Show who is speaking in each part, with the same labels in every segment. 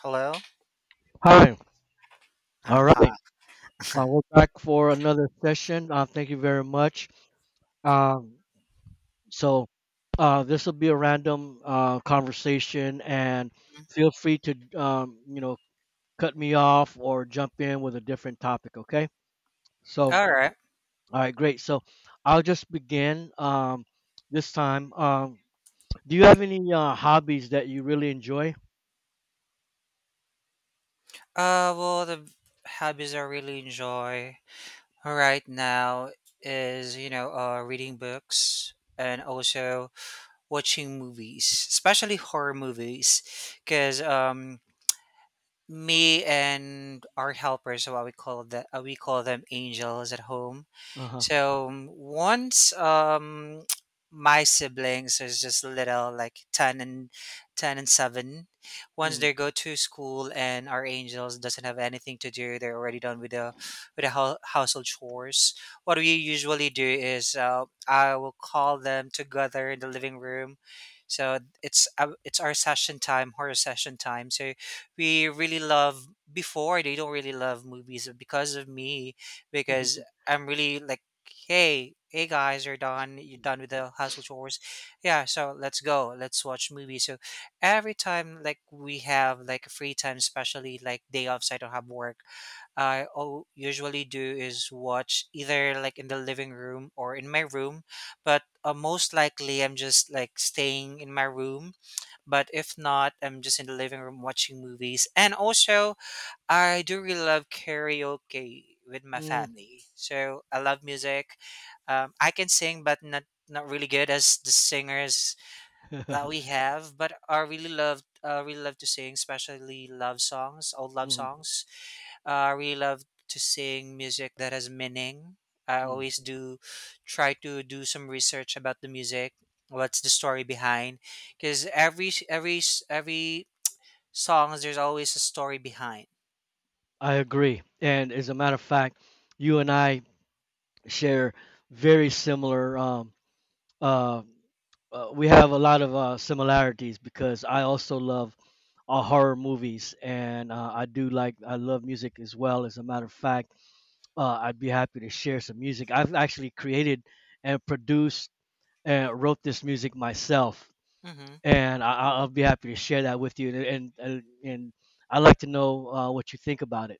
Speaker 1: Hello?
Speaker 2: Hi. All right.
Speaker 1: Hi.
Speaker 2: We're back for another session. Thank you very much. Um, so this will be a random conversation, and
Speaker 1: Mm.
Speaker 2: feel free to cut me off or jump in with a different topic. Okay. So
Speaker 1: All right.
Speaker 2: all right, Great. So I'll just begin this time. Do you have any hobbies that you really enjoy?
Speaker 1: Well, the hobbies I really enjoy right now is, you know, reading books and also watching movies, especially horror movies, because me and our helpers, what we call that, we call them angels at home.
Speaker 2: Uh huh.
Speaker 1: So once my siblings is just little, like 10 and 10 and 7. Once
Speaker 2: Mm.
Speaker 1: they go to school and our angels doesn't have anything to do, they're already done with the household chores. What we usually do is, I will call them together in the living room. So it's it's our session time, horror session time. So we really love, before, they don't really love movies because of me. Because I'm really like, hey, hey guys, you're done. You're done with the household chores. Yeah, so let's go. Let's watch movies. So every time, like, we have like free time, especially like day off, so I don't have work. I all usually do is watch either like in the living room or in my room, but most likely I'm just like staying in my room. But if not, I'm just in the living room watching movies. And also, I do really love karaoke with my
Speaker 2: Mm.
Speaker 1: family. So I love music. I can sing, but not really good as the singers that we have. But I really love, really love to sing, especially love songs, old love
Speaker 2: Mm.
Speaker 1: songs. I really love to sing music that has meaning. I
Speaker 2: Mm.
Speaker 1: always do try to do some research about the music. What's the story behind? Because every songs, there's always a story behind.
Speaker 2: I agree. And as a matter of fact, you and I share very similar, uh, we have a lot of similarities because I also love horror movies and I do like, I love music as well. As a matter of fact, I'd be happy to share some music. I've actually created and produced and wrote this music myself.
Speaker 1: Hmm.
Speaker 2: And will be happy to share that with you. And I like to know what you think about it.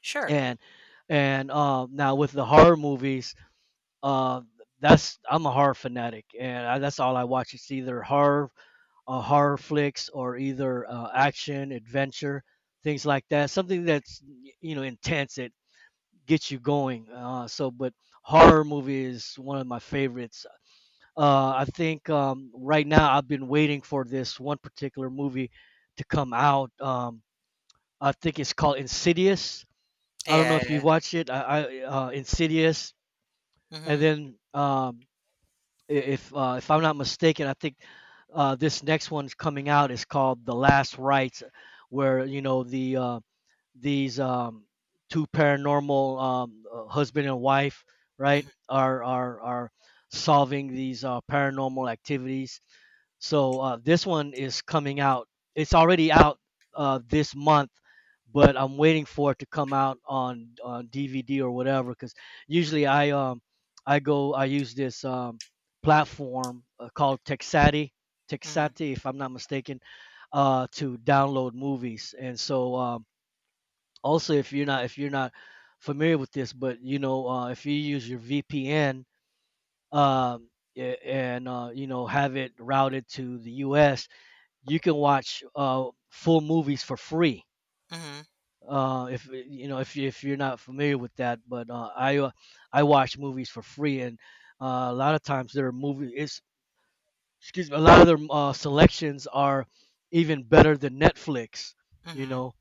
Speaker 1: Sure.
Speaker 2: And and Now with the horror movies, uh that's I'm a horror fanatic, and that's all I watch. It's either horror, horror flicks, or either action adventure, things like that, something that's intense, it gets you going, so. But horror movie is one of my favorites. I think right now I've been waiting for this one particular movie to come out. I think it's called Insidious. I don't know
Speaker 1: Yeah,
Speaker 2: if
Speaker 1: yeah.
Speaker 2: you've watched it. I Insidious, and
Speaker 1: Mhm.
Speaker 2: then if I'm not mistaken, I think this next one's coming out is called The Last Rites, where you know the these two paranormal, husband and wife, right,
Speaker 1: Mhm.
Speaker 2: are solving these paranormal activities. So this one is coming out. It's already out this month, but I'm waiting for it to come out on DVD or whatever. Because usually I go I use this platform called Texati.
Speaker 1: Mhm.
Speaker 2: Texati, if I'm not mistaken, to download movies. And so also if you're not familiar with this, but you know, if you use your VPN. Um, and you know, have it routed to the U.S, you can watch full movies for free.
Speaker 1: Mhm.
Speaker 2: If if you're not familiar with that, but I watch movies for free, and a lot of times their movie is, excuse me, a lot of their selections are even better than Netflix. You
Speaker 1: Mhm.
Speaker 2: know,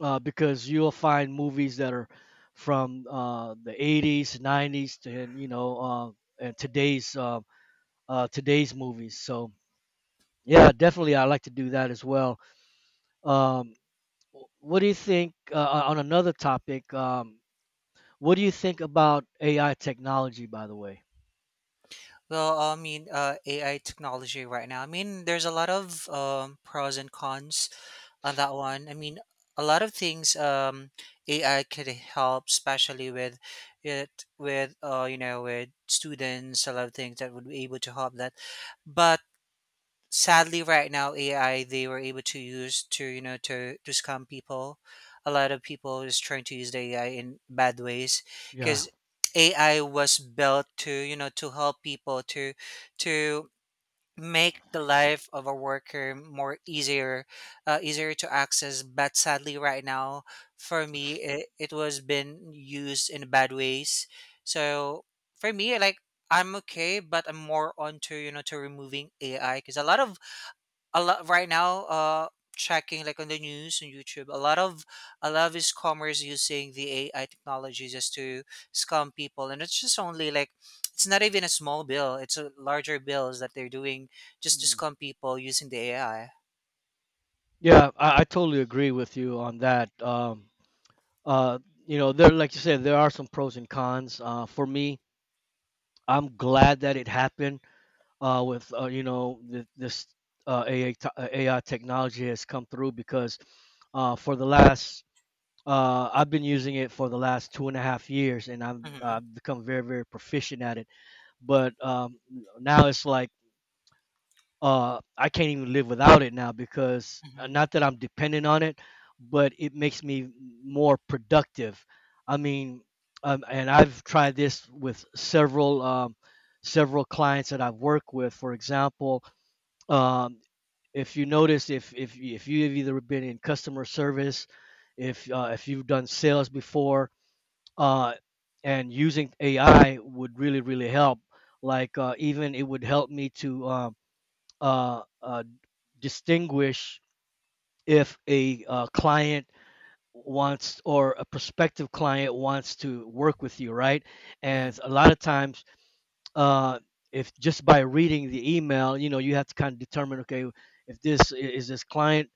Speaker 2: because you'll find movies that are from the 80s, 90s, to, and you know, and today's today's movies. So yeah, definitely I like to do that as well. um What do you think, on another topic? What do you think about AI technology, by the way?
Speaker 1: Well, I mean, AI technology right now. I mean, there's a lot of pros and cons on that one. I mean, a lot of things, AI could help, especially with it, with, you know, with students. A lot of things that would be able to help that, but sadly right now AI, they were able to use to, you know, to scam people. A lot of people is trying to use the AI in bad ways,
Speaker 2: Yeah.
Speaker 1: because AI was built to, you know, to help people to make the life of a worker more easier, easier to access. But sadly right now, for me, it was been used in bad ways. So for me, like, I'm okay, but I'm more onto, you know, to removing AI, because a lot right now, checking like on the news and YouTube, a lot of these commerce using the AI technology just to scam people. And it's just only like, it's not even a small bill, it's a larger bills that they're doing just to
Speaker 2: Mm.
Speaker 1: scam people using the AI.
Speaker 2: Yeah, I totally agree with you on that. Uh, you know, there, like you said, there are some pros and cons. For me, I'm glad that it happened. With you know, th- this AI, AI technology has come through because for the last I've been using it for the last two and a half years, and I'm
Speaker 1: Mm-hmm.
Speaker 2: I've become very very proficient at it. But Now it's like I can't even live without it now because
Speaker 1: Mm-hmm.
Speaker 2: not that I'm dependent on it, but it makes me more productive. I mean, and I've tried this with several clients that I've worked with. For example, um, if you notice, if you have either been in customer service, if you've done sales before, uh, and using AI would really really help. Like even it would help me to uh, uh, distinguish if a client wants, or a prospective client wants to work with you, right?
Speaker 1: Mm-hmm.
Speaker 2: And a lot of times, uh, if just by reading the email, you know, you have to kind of determine, okay, if this client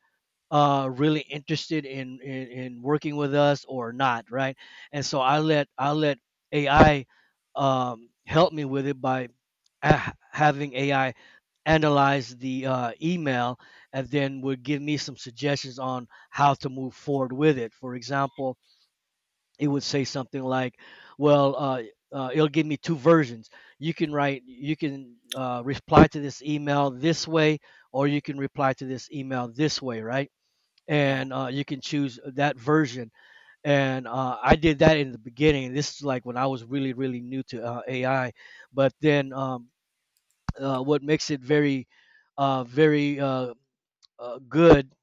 Speaker 2: really interested in working with us or not, right? And so I let AI help me with it by, having AI analyze the email, and then would give me some suggestions on how to move forward with it. For example, it would say something like, well uh, it'll give me two versions. You can write, you can reply to this email this way, or you can reply to this email this way, right?
Speaker 1: Yeah.
Speaker 2: And you can choose that version. And I did that in the beginning. This is like when I was really, really new to AI. But then What makes it very, uh, very uh, good,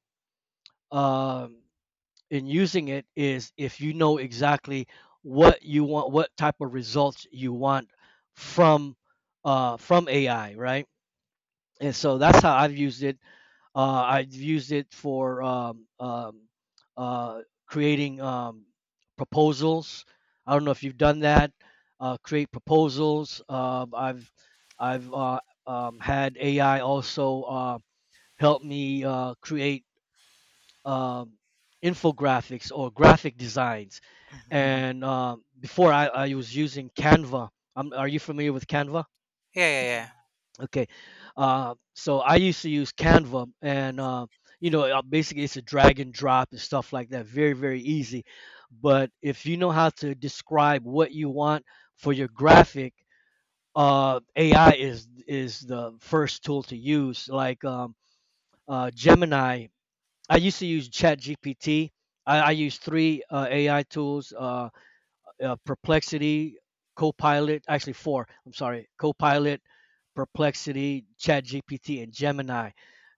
Speaker 2: um in using it, is if you know exactly what you want, what type of results you want from from AI, right? And so that's how I've used it. I've used it for uh, creating proposals. I don't know if you've done that. Create proposals. I've Had AI also help me create um, infographics or graphic designs.
Speaker 1: Hmm.
Speaker 2: And before, I was using Canva. Um, are you familiar with Canva?
Speaker 1: Yeah, yeah, yeah.
Speaker 2: Okay, so I used to use Canva, and you know, basically it's a drag and drop and stuff like that. Very, very easy. But if you know how to describe what you want for your graphic, AI is the first tool to use. Like Gemini, I used to use ChatGPT. I use three AI tools. Perplexity, Copilot, actually four, I'm sorry, Copilot, Perplexity, ChatGPT, and Gemini.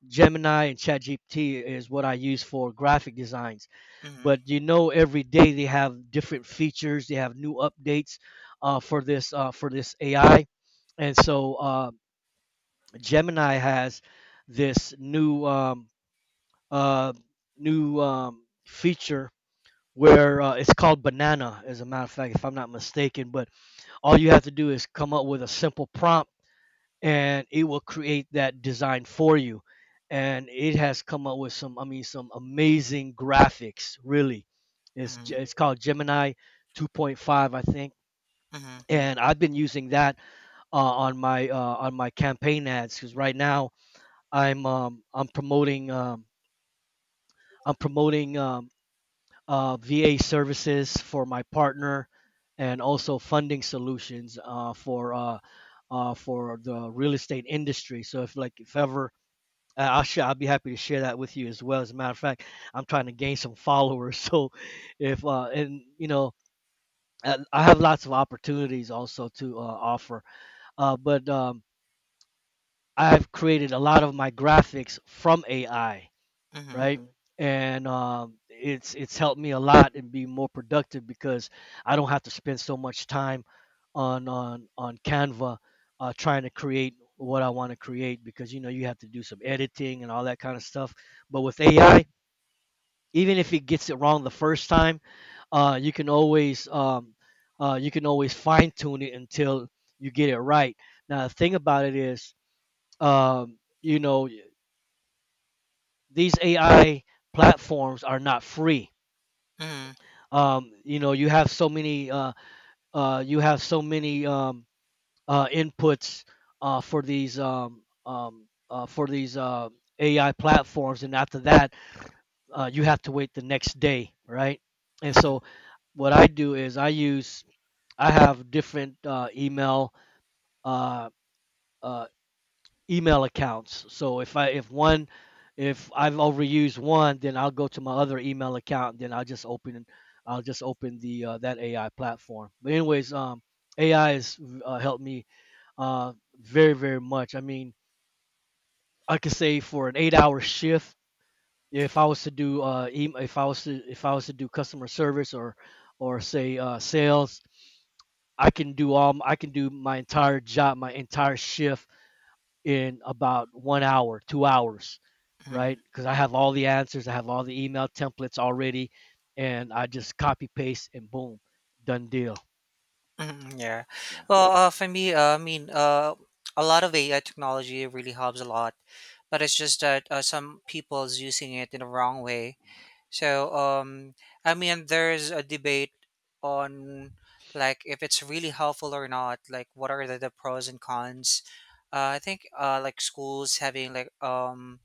Speaker 2: Gemini and ChatGPT is what I use for graphic designs.
Speaker 1: Mm-hmm.
Speaker 2: But you know, every day they have different features, they have new updates for this AI, and so Gemini has this new uh, feature where it's called Banana, as a matter of fact, if I'm not mistaken. But all you have to do is come up with a simple prompt, and it will create that design for you. And it has come up with some, I mean, some amazing graphics, really. It's,
Speaker 1: Mm-hmm.
Speaker 2: it's called Gemini 2.5, I think.
Speaker 1: Mm-hmm.
Speaker 2: And I've been using that on my campaign ads, because right now I'm um, I'm promoting um, I'm promoting VA services for my partner, and also funding solutions for the real estate industry. So if, like, if ever, I'll be happy to share that with you as well. As a matter of fact, I'm trying to gain some followers. So if, and you know, I have lots of opportunities also to offer, but I've created a lot of my graphics from AI,
Speaker 1: Mm-hmm.
Speaker 2: right? And it's helped me a lot and be more productive, because I don't have to spend so much time on Canva, trying to create what I want to create, because you know you have to do some editing and all that kind of stuff. But with AI, even if it gets it wrong the first time, uh, you can always um, you can always fine tune it until you get it right. Now the thing about it is, you know, these AI platforms are not free.
Speaker 1: Mm-hmm.
Speaker 2: You know, you have so many you have so many inputs for these AI platforms, and after that you have to wait the next day, right? And so what I do is I have different email uh uh email accounts. So if one, if I've overused one, then I'll go to my other email account and then I'll just open the that AI platform. But anyways, AI has helped me very very much. I mean, I could say for an 8 hour shift, if I was to do, if I was to do customer service, or say sales, I can do my entire job, my entire shift in about 1 hour, 2 hours,
Speaker 1: Mm-hmm.
Speaker 2: right? Because I have all the answers, I have all the email templates already, and I just copy paste and boom, done deal.
Speaker 1: Mhm, yeah.
Speaker 2: Yeah,
Speaker 1: Well, for me, a lot of AI technology really helps a lot, but it's just that some people's using it in the wrong way. So, I mean, there's a debate on, like, if it's really helpful or not. Like, what are the pros and cons? I think, like schools having like,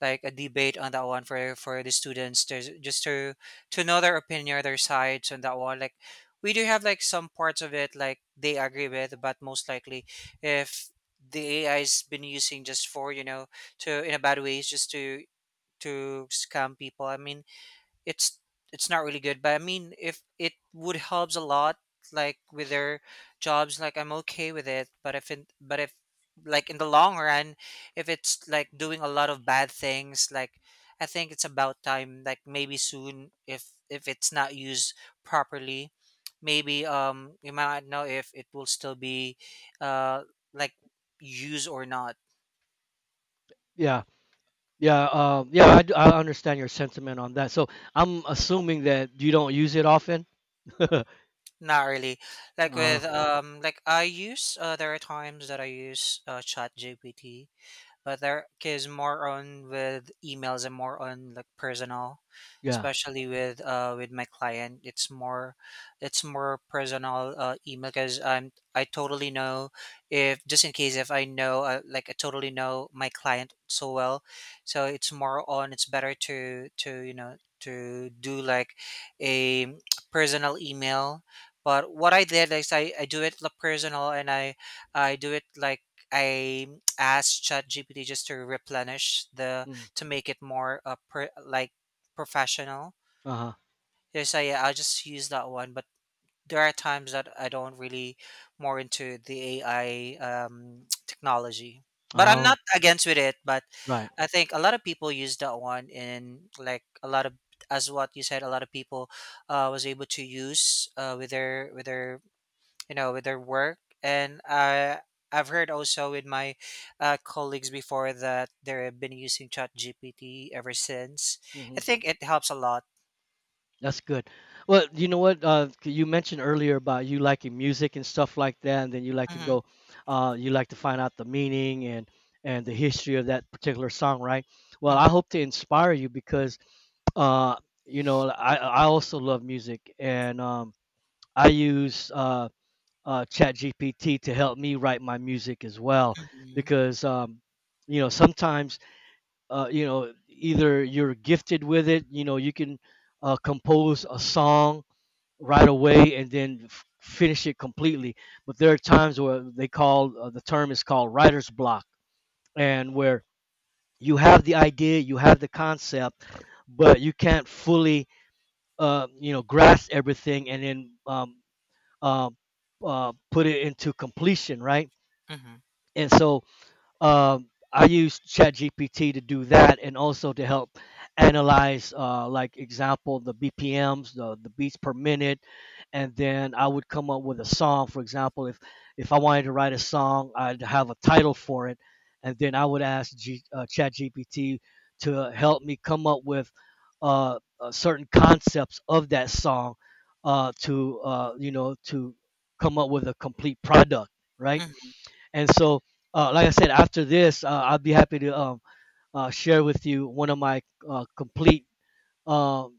Speaker 1: like a debate on that one, for the students to just to know their opinion, their sides on that one. Like, we do have like some parts of it like they agree with, but most likely, if the AI's been using just for, you know, to in a bad ways, just to scam people, I mean, it's it's not really good. But I mean, if it would helps a lot, like with their jobs, like, I'm okay with it. But if it, but if like in the long run, if it's like doing a lot of bad things, like, I think it's about time, like maybe soon, if it's not used properly, maybe, you might not know if it will still be, uh like, used or not.
Speaker 2: yeah, yeah, I understand your sentiment on that. So I'm assuming that you don't use it often.
Speaker 1: Not really. Like
Speaker 2: Uh,
Speaker 1: with, like I use, there are times that I use GPT, but their is more on with emails and more on like personal,
Speaker 2: yeah.
Speaker 1: especially with, with my client. It's more, it's more personal, email, because I'm, I totally know, if just in case, if I know, like I totally know my client so well. So it's more on, it's better to, you know, to do like a personal email. But what I did is, I do it like personal, and I I do it like, I ask ChatGPT just to replenish the,
Speaker 2: Mm,
Speaker 1: to make it more, like, professional.
Speaker 2: uh huh.
Speaker 1: Yeah, so yeah, I'll just use that one. But there are times that I don't really more into the AI, technology. But I'm
Speaker 2: Oh,
Speaker 1: not against with it. But
Speaker 2: right.
Speaker 1: I think a lot of people use that one in, like, a lot of, as what you said, a lot of people, was able to use, with their, you know, with their work. And I've heard also with my, colleagues before, that they've been using ChatGPT ever since. I
Speaker 2: Mhm.
Speaker 1: think it helps a lot.
Speaker 2: That's good. Well, you know what? You mentioned earlier about you liking music and stuff like that, and then you like to
Speaker 1: Mm-hmm.
Speaker 2: go, you like to find out the meaning and the history of that particular song, right? Well, I
Speaker 1: Mm-hmm.
Speaker 2: hope to inspire you because, uh, I also love music, and I use ChatGPT to help me write my music as well
Speaker 1: Mm-hmm.
Speaker 2: because, sometimes, either you're gifted with it, you know, you can compose a song right away and then finish it completely. But there are times where they call the term is called writer's block, and where you have the idea, you have the concept, but you can't fully, grasp everything and then uh, put it into completion, right?
Speaker 1: Mm-hmm.
Speaker 2: And so I use ChatGPT to do that, and also to help analyze, like example, the BPMs, the beats per minute, and then I would come up with a song. For example, if I wanted to write a song, I'd have a title for it, and then I would ask ChatGPT to help me come up with certain concepts of that song to come up with a complete product, right?
Speaker 1: Hmm.
Speaker 2: And so, like I said, after this, I'll be happy to share with you one of my complete uh, uh,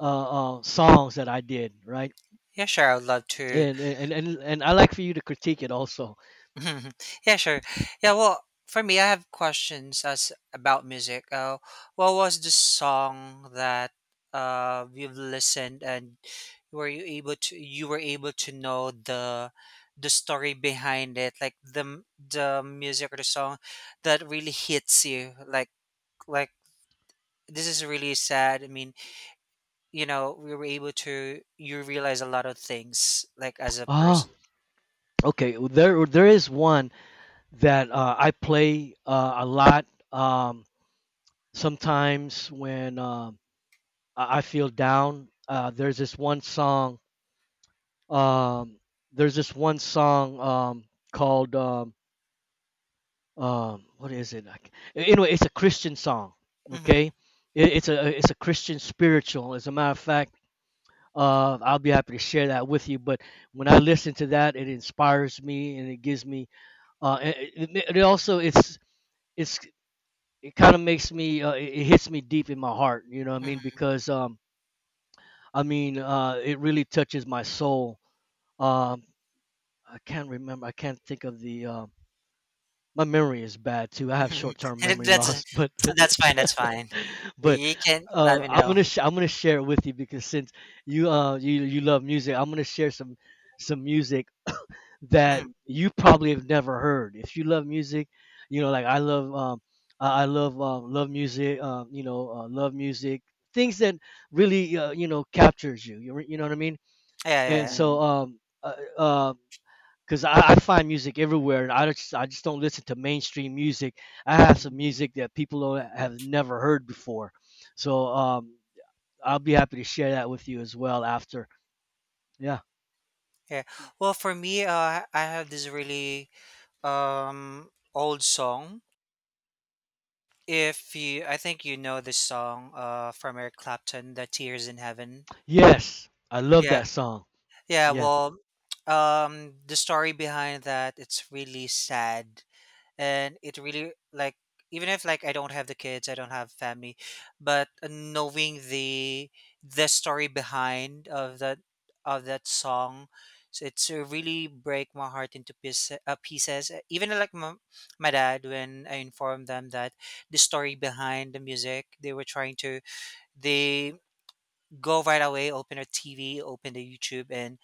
Speaker 2: songs that I did, right?
Speaker 1: Yeah, sure. I would love to.
Speaker 2: And I like for you to critique it also.
Speaker 1: yeah, sure. Yeah, well, for me, I have questions as about music. What was the song that, you've listened, and were you able to you were able to know the, story behind it, like, the music or the song that really hits you, like, like this is really sad. I mean, you know, we were able to, you realize a lot of things, like, as a
Speaker 2: Ah,
Speaker 1: person.
Speaker 2: okay. Well, there is one that I play a lot. Um, Sometimes when I feel down, there's this one song. Um, there's this one song called what is it like, anyway, it's a Christian song.
Speaker 1: Mm-hmm.
Speaker 2: Okay, it's a Christian spiritual, as a matter of fact. I'll be happy to share that with you, but when I listen to that, it inspires me and it gives me uh it, it it also it's it's it kind of makes me it it hits me deep in my heart, you know what I mean,
Speaker 1: Mm-hmm.
Speaker 2: because it really touches my soul. Um, I can't think of the my memory is bad too. I have
Speaker 1: Mhm.
Speaker 2: short-term memory
Speaker 1: that's,
Speaker 2: loss, but
Speaker 1: that's fine, that's fine.
Speaker 2: but
Speaker 1: You can let me
Speaker 2: I'm
Speaker 1: know.
Speaker 2: gonna I'm gonna share it with you because since you love music, I'm gonna share some music that
Speaker 1: Mhm.
Speaker 2: you probably have never heard. If you love music, you know, like I love love music, love music, things that really captures you. You you know what I mean?
Speaker 1: Yeah, yeah,
Speaker 2: And
Speaker 1: yeah.
Speaker 2: so, right. Because I find music everywhere, and I just don't listen to mainstream music. I have
Speaker 1: Mhm.
Speaker 2: some music that people don't, have never heard before, so I'll be happy to share that with you as well after. Yeah.
Speaker 1: Yeah. Well, for me, I have this really, old song. If you, I think you know this song, from Eric Clapton, "The Tears in Heaven."
Speaker 2: Yes, I love
Speaker 1: Yeah,
Speaker 2: that song.
Speaker 1: yeah.
Speaker 2: Yeah.
Speaker 1: Well, the story behind that, it's really sad. And it really like, even if like I don't have the kids, I don't have family, but knowing the, story behind of that, song, so it's, really break my heart into piece, pieces. Even like, my dad, when I informed them that the story behind the music, they were trying to, they go right away, open a TV, open the YouTube. And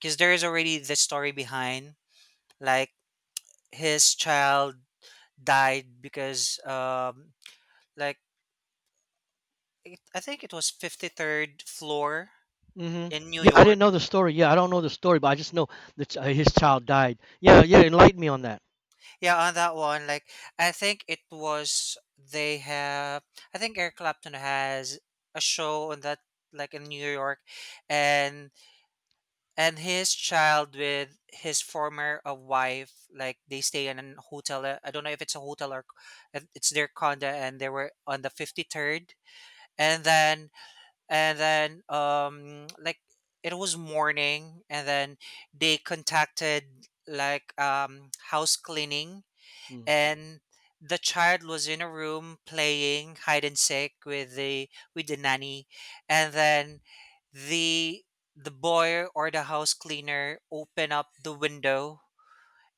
Speaker 1: because there is already the story behind, like, his child died because, like, it, I think it was 53rd floor
Speaker 2: Hmm.
Speaker 1: in New
Speaker 2: Yeah, I didn't
Speaker 1: York.
Speaker 2: know the story. Yeah, I don't know the story, but I just know that his child died. Yeah, yeah. Enlighten me on that.
Speaker 1: Yeah, on that one, like, I think it was, they have, I think Eric Clapton has a show on that, like in New York. And his child, with his former, wife, like, they stay in a hotel, I don't know if it's a hotel or, it's their condo, and they were on the 53rd. And then, like, it was morning, and then they contacted like, house cleaning,
Speaker 2: Mm.
Speaker 1: and the child was in a room playing hide and seek with the, nanny. And then the the boy, or the house cleaner, opened up the window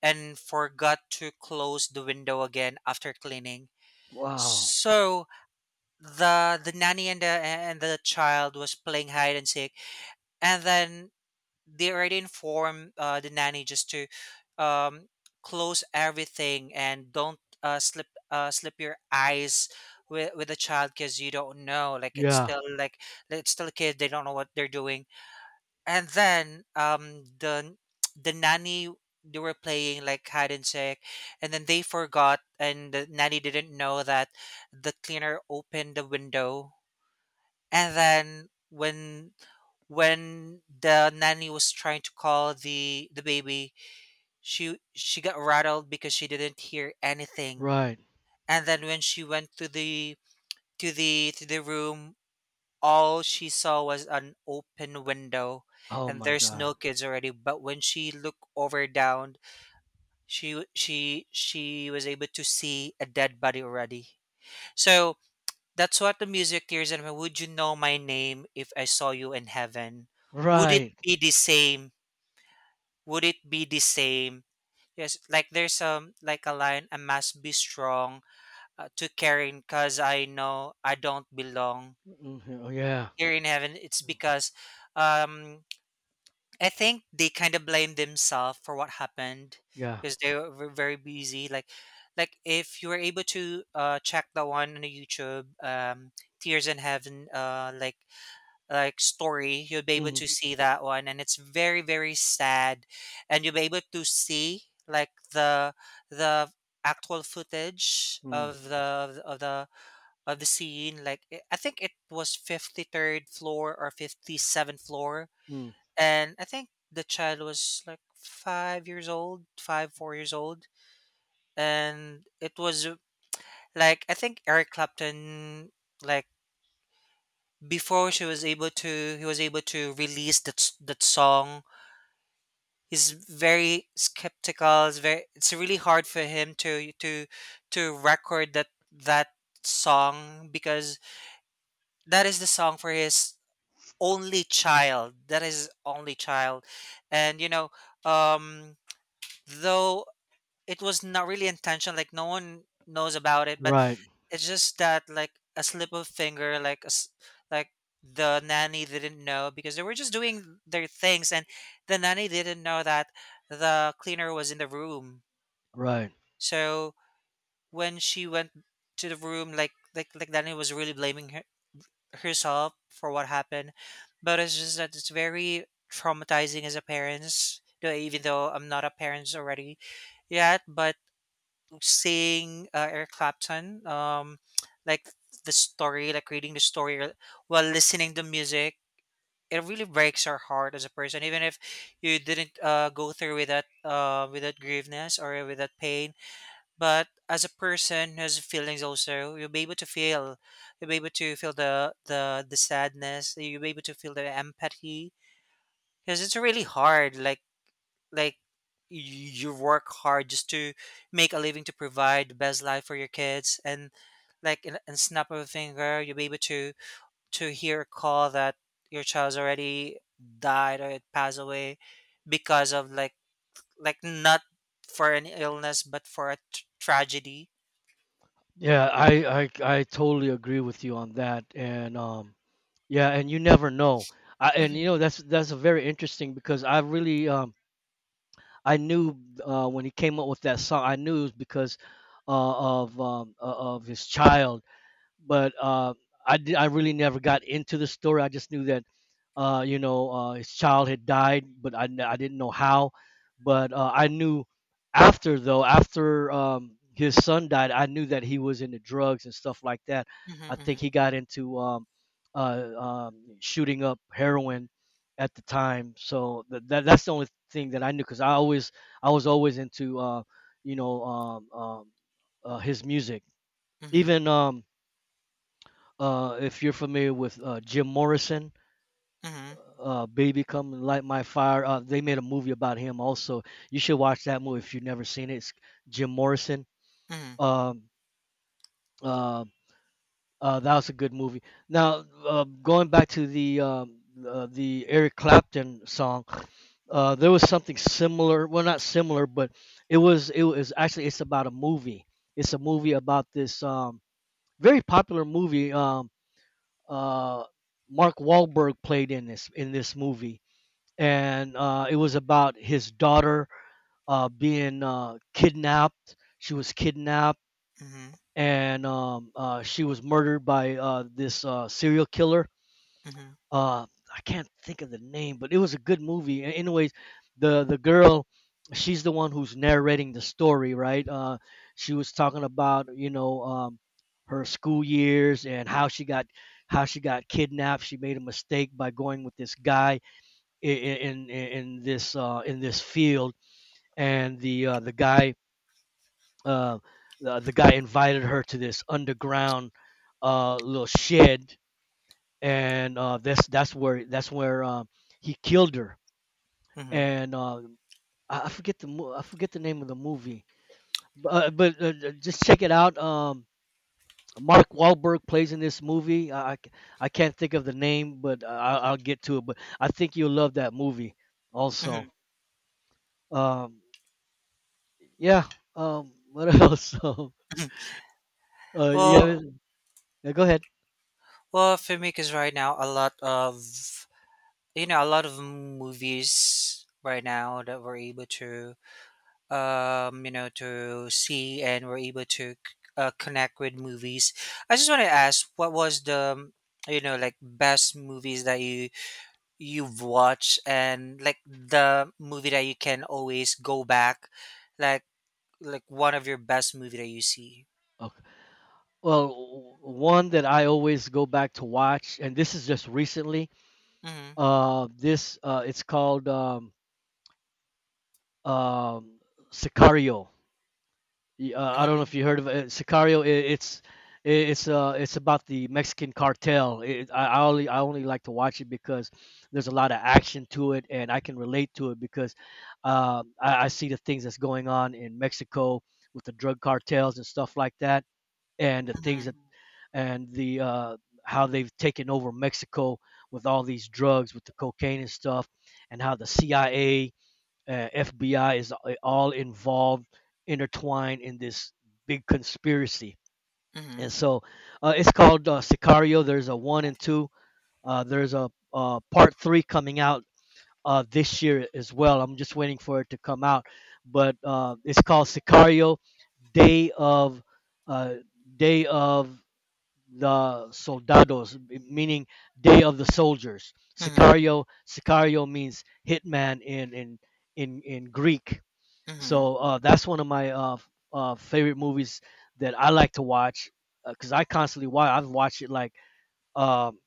Speaker 1: and forgot to close the window again after cleaning.
Speaker 2: Wow.
Speaker 1: So the, nanny and the child was playing hide and seek, and then they already informed, the nanny, just to, um, close everything, and don't, slip your eyes with the child, because you don't know, like, it's
Speaker 2: Yeah.
Speaker 1: still like, it's still a kid, they don't know what they're doing. And then, the, nanny, they were playing like hide and seek, and then they forgot, and the nanny didn't know that the cleaner opened the window. And then when, the nanny was trying to call the, baby, she got rattled because she didn't hear anything.
Speaker 2: Right.
Speaker 1: And then when she went to the, to the room, all she saw was an open window,
Speaker 2: Oh
Speaker 1: and
Speaker 2: my
Speaker 1: there's
Speaker 2: God.
Speaker 1: no kids already. But when she looked over down, she was able to see a dead body already. So that's what the music, tears, and would you know my name if I saw you in heaven, would it
Speaker 2: Right.
Speaker 1: be the same, would it be the same? Yes, like, there's, like, a line, I must be strong, to caring, cuz I know I don't belong
Speaker 2: Hmm. Yeah.
Speaker 1: here in heaven. It's because, um I think they kind of blame themselves for what happened,
Speaker 2: Yeah.
Speaker 1: because they were very busy, like, if you were able to, check the one on the YouTube, Tears in Heaven, like, story, you'll be able to
Speaker 2: Mm-hmm.
Speaker 1: see that one, and it's very, very sad. And you'll be able to see, like, the actual footage of the, of the scene. Like it-, I think it was 53rd floor or 57th floor.
Speaker 2: Mm-hmm.
Speaker 1: And I think the child was like 5 years old, 5 4 years old. And it was, like, I think Eric Clapton, like, before she was able to he was able to release that, that song, he's very skeptical. It's very, it's really hard for him to, to record that, song, because that is the song for his only child, that is his only child. And you know, um though, it was not really intentional, like, no one knows about it, but
Speaker 2: Right.
Speaker 1: it's just that like a slip of finger, like a s like the nanny didn't know, because they were just doing their things, and the nanny didn't know that the cleaner was in the room.
Speaker 2: Right.
Speaker 1: So when she went to the room, like, nanny was really blaming her, herself, for what happened. But it's just that it's very traumatizing as a parents. Though even though I'm not a parent already yet, but seeing, Eric Clapton, like, the story, like reading the story or-, while listening to music, it really breaks our heart as a person. Even if you didn't, go through with that grieveness, or with that pain. But as a person who has feelings also, you'll be able to feel, you'll be able to feel the sadness. You'll be able to feel the empathy, because it's really hard. Like you, you work hard just to make a living, to provide the best life for your kids. And, like, in snap of a finger, you'll be able to, hear a call that your child's already died, or it passed away, because of like, not for an illness, but for a tragedy.
Speaker 2: Yeah, I I totally agree with you on that. And yeah, and you never know. And you
Speaker 1: Mhm,
Speaker 2: know, that's a very interesting because I really I knew when he came up with that song, I knew it was because uh, of um uh, of his child, but I really never got into the story. I just knew that his child had died, but I I didn't know how. But I knew after, though, after his son died, I knew that he was into drugs and stuff like that. I think
Speaker 1: mhm,
Speaker 2: he got into shooting up heroin at the time. So that's the only thing that I knew because I always I was always into you know um, um, his music.
Speaker 1: mhm,
Speaker 2: Even if you're familiar with Jim Morrison,
Speaker 1: mhm,
Speaker 2: Baby Come and Light My Fire, they made a movie about him also. You should watch that movie if you've never seen it. It's Jim Morrison.
Speaker 1: mhm, mhm,
Speaker 2: Um, uh, that was a good movie. Now, going back to the Eric Clapton song, there was something similar. Well, not similar, but it was actually it's about a movie. It's a movie about this very popular movie. Uh, Mark Wahlberg played in this movie, and it was about his daughter being kidnapped. She was kidnapped,
Speaker 1: mhm,
Speaker 2: and she was murdered by this serial killer.
Speaker 1: mhm,
Speaker 2: uh I can't think of the name, but it was a good movie. Anyways, the girl, she's the one who's narrating the story, right? She was talking about, you know, her school years and how she got kidnapped. She made a mistake by going with this guy in this in this field, and the guy uh, the guy invited her to this underground little shed, and that's where he killed her.
Speaker 1: mhm,
Speaker 2: And uh, I forget the I forget the name of the movie, but, just check it out. Mark Wahlberg plays in this movie. I can't think of the name, but I'll get to it. But I think you'll love that movie also.
Speaker 1: mhm.
Speaker 2: Um, yeah. What else?
Speaker 1: Well,
Speaker 2: Yeah, yeah. Go ahead.
Speaker 1: for me, because right now, a lot of, you know, a lot of movies right now, that we're able to, you know, to see, and we're able to, connect with movies, I just want to ask, what was the, you know, like, best movies that you, you've watched, and like the movie that you can always go back, like, one of your best movie that you see.
Speaker 2: Okay. Well, one that I always go back to watch, and this is just recently.
Speaker 1: Mm-hmm.
Speaker 2: This It's called um, Sicario. I don't know
Speaker 1: Mm-hmm.
Speaker 2: if you heard of it. Sicario. I it's It's about the Mexican cartel. It, I only like to watch it because there's a lot of action to it, and I can relate to it because I see the things that's going on in Mexico with the drug cartels and stuff like that, and the
Speaker 1: Mm-hmm.
Speaker 2: things that and the how they've taken over Mexico with all these drugs, with the cocaine and stuff, and how the CIA, FBI is all involved, intertwined in this big conspiracy.
Speaker 1: Mm-hmm.
Speaker 2: And so it's called Sicario. There's a one and two. There's a part three coming out this year as well. I'm just waiting for it to come out, but it's called Sicario: Day of uh, Day of the Soldados, meaning Day of the Soldiers. Sicario, Sicario means hitman in in Greek.
Speaker 1: Mm-hmm.
Speaker 2: So that's one of my favorite movies that I like to watch because I constantly watch. I've watched it like um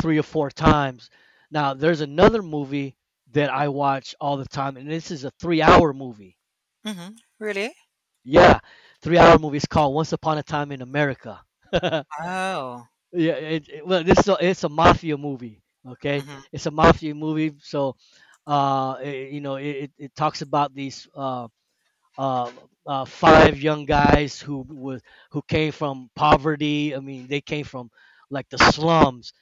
Speaker 2: three or four times. Now there's another movie that I watch all the time, and this is a three-hour movie.
Speaker 1: Mm-hmm. Really?
Speaker 2: Yeah, three-hour movie. It's called Once Upon a Time in America.
Speaker 1: Oh.
Speaker 2: Yeah, well, it's a mafia movie. Okay,
Speaker 1: Mm-hmm.
Speaker 2: it's a mafia movie, so you know, it talks about these uh, five young guys who was who came from poverty. I mean, they came from like the slums,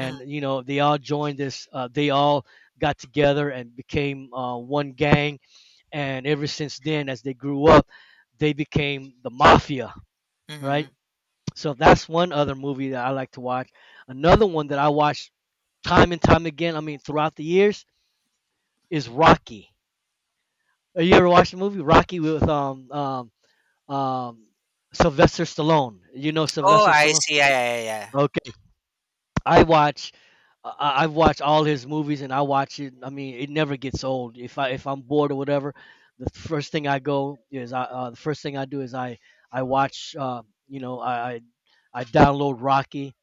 Speaker 1: Mm-hmm.
Speaker 2: you know, they all joined this. They all got together and became one gang, and ever since then, as they grew up, they became the mafia,
Speaker 1: Mm-hmm.
Speaker 2: right? So that's one other movie that I like to watch. Another one that I watch time and time again, I mean throughout the years, is Rocky. Have you ever watched the movie Rocky with um Sylvester Stallone? You know
Speaker 1: Oh,
Speaker 2: Sylvester
Speaker 1: I
Speaker 2: Stallone?
Speaker 1: see. Yeah, yeah, yeah. Yeah.
Speaker 2: Okay. I watch have watched all his movies and I watch it. I mean, it never gets old. If I if I'm bored or whatever, the first thing I go is I the first thing I do is I watch you know I I I download Rocky,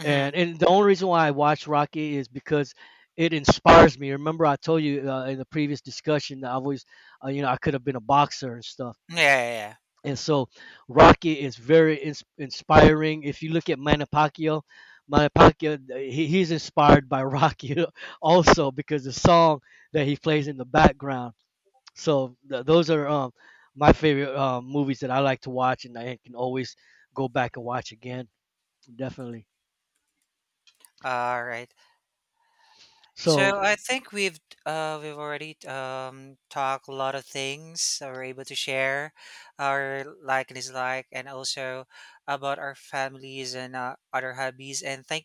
Speaker 1: Mm-hmm.
Speaker 2: and the only reason why I watch Rocky is because it inspires me. Remember, I told you in the previous discussion that I've always, you know, I could have been a boxer and stuff.
Speaker 1: Yeah, yeah, yeah.
Speaker 2: And so, Rocky is very inspiring. If you look at Manny Pacquiao, Manny Pacquiao, he's inspired by Rocky also because the song that he plays in the background. So those are my favorite movies that I like to watch, and I can always go back and watch again. Definitely.
Speaker 1: All right.
Speaker 2: So
Speaker 1: So I think we've already, talked a lot of things, that we're able to share our like and dislike, and also about our families and, other hobbies. And thank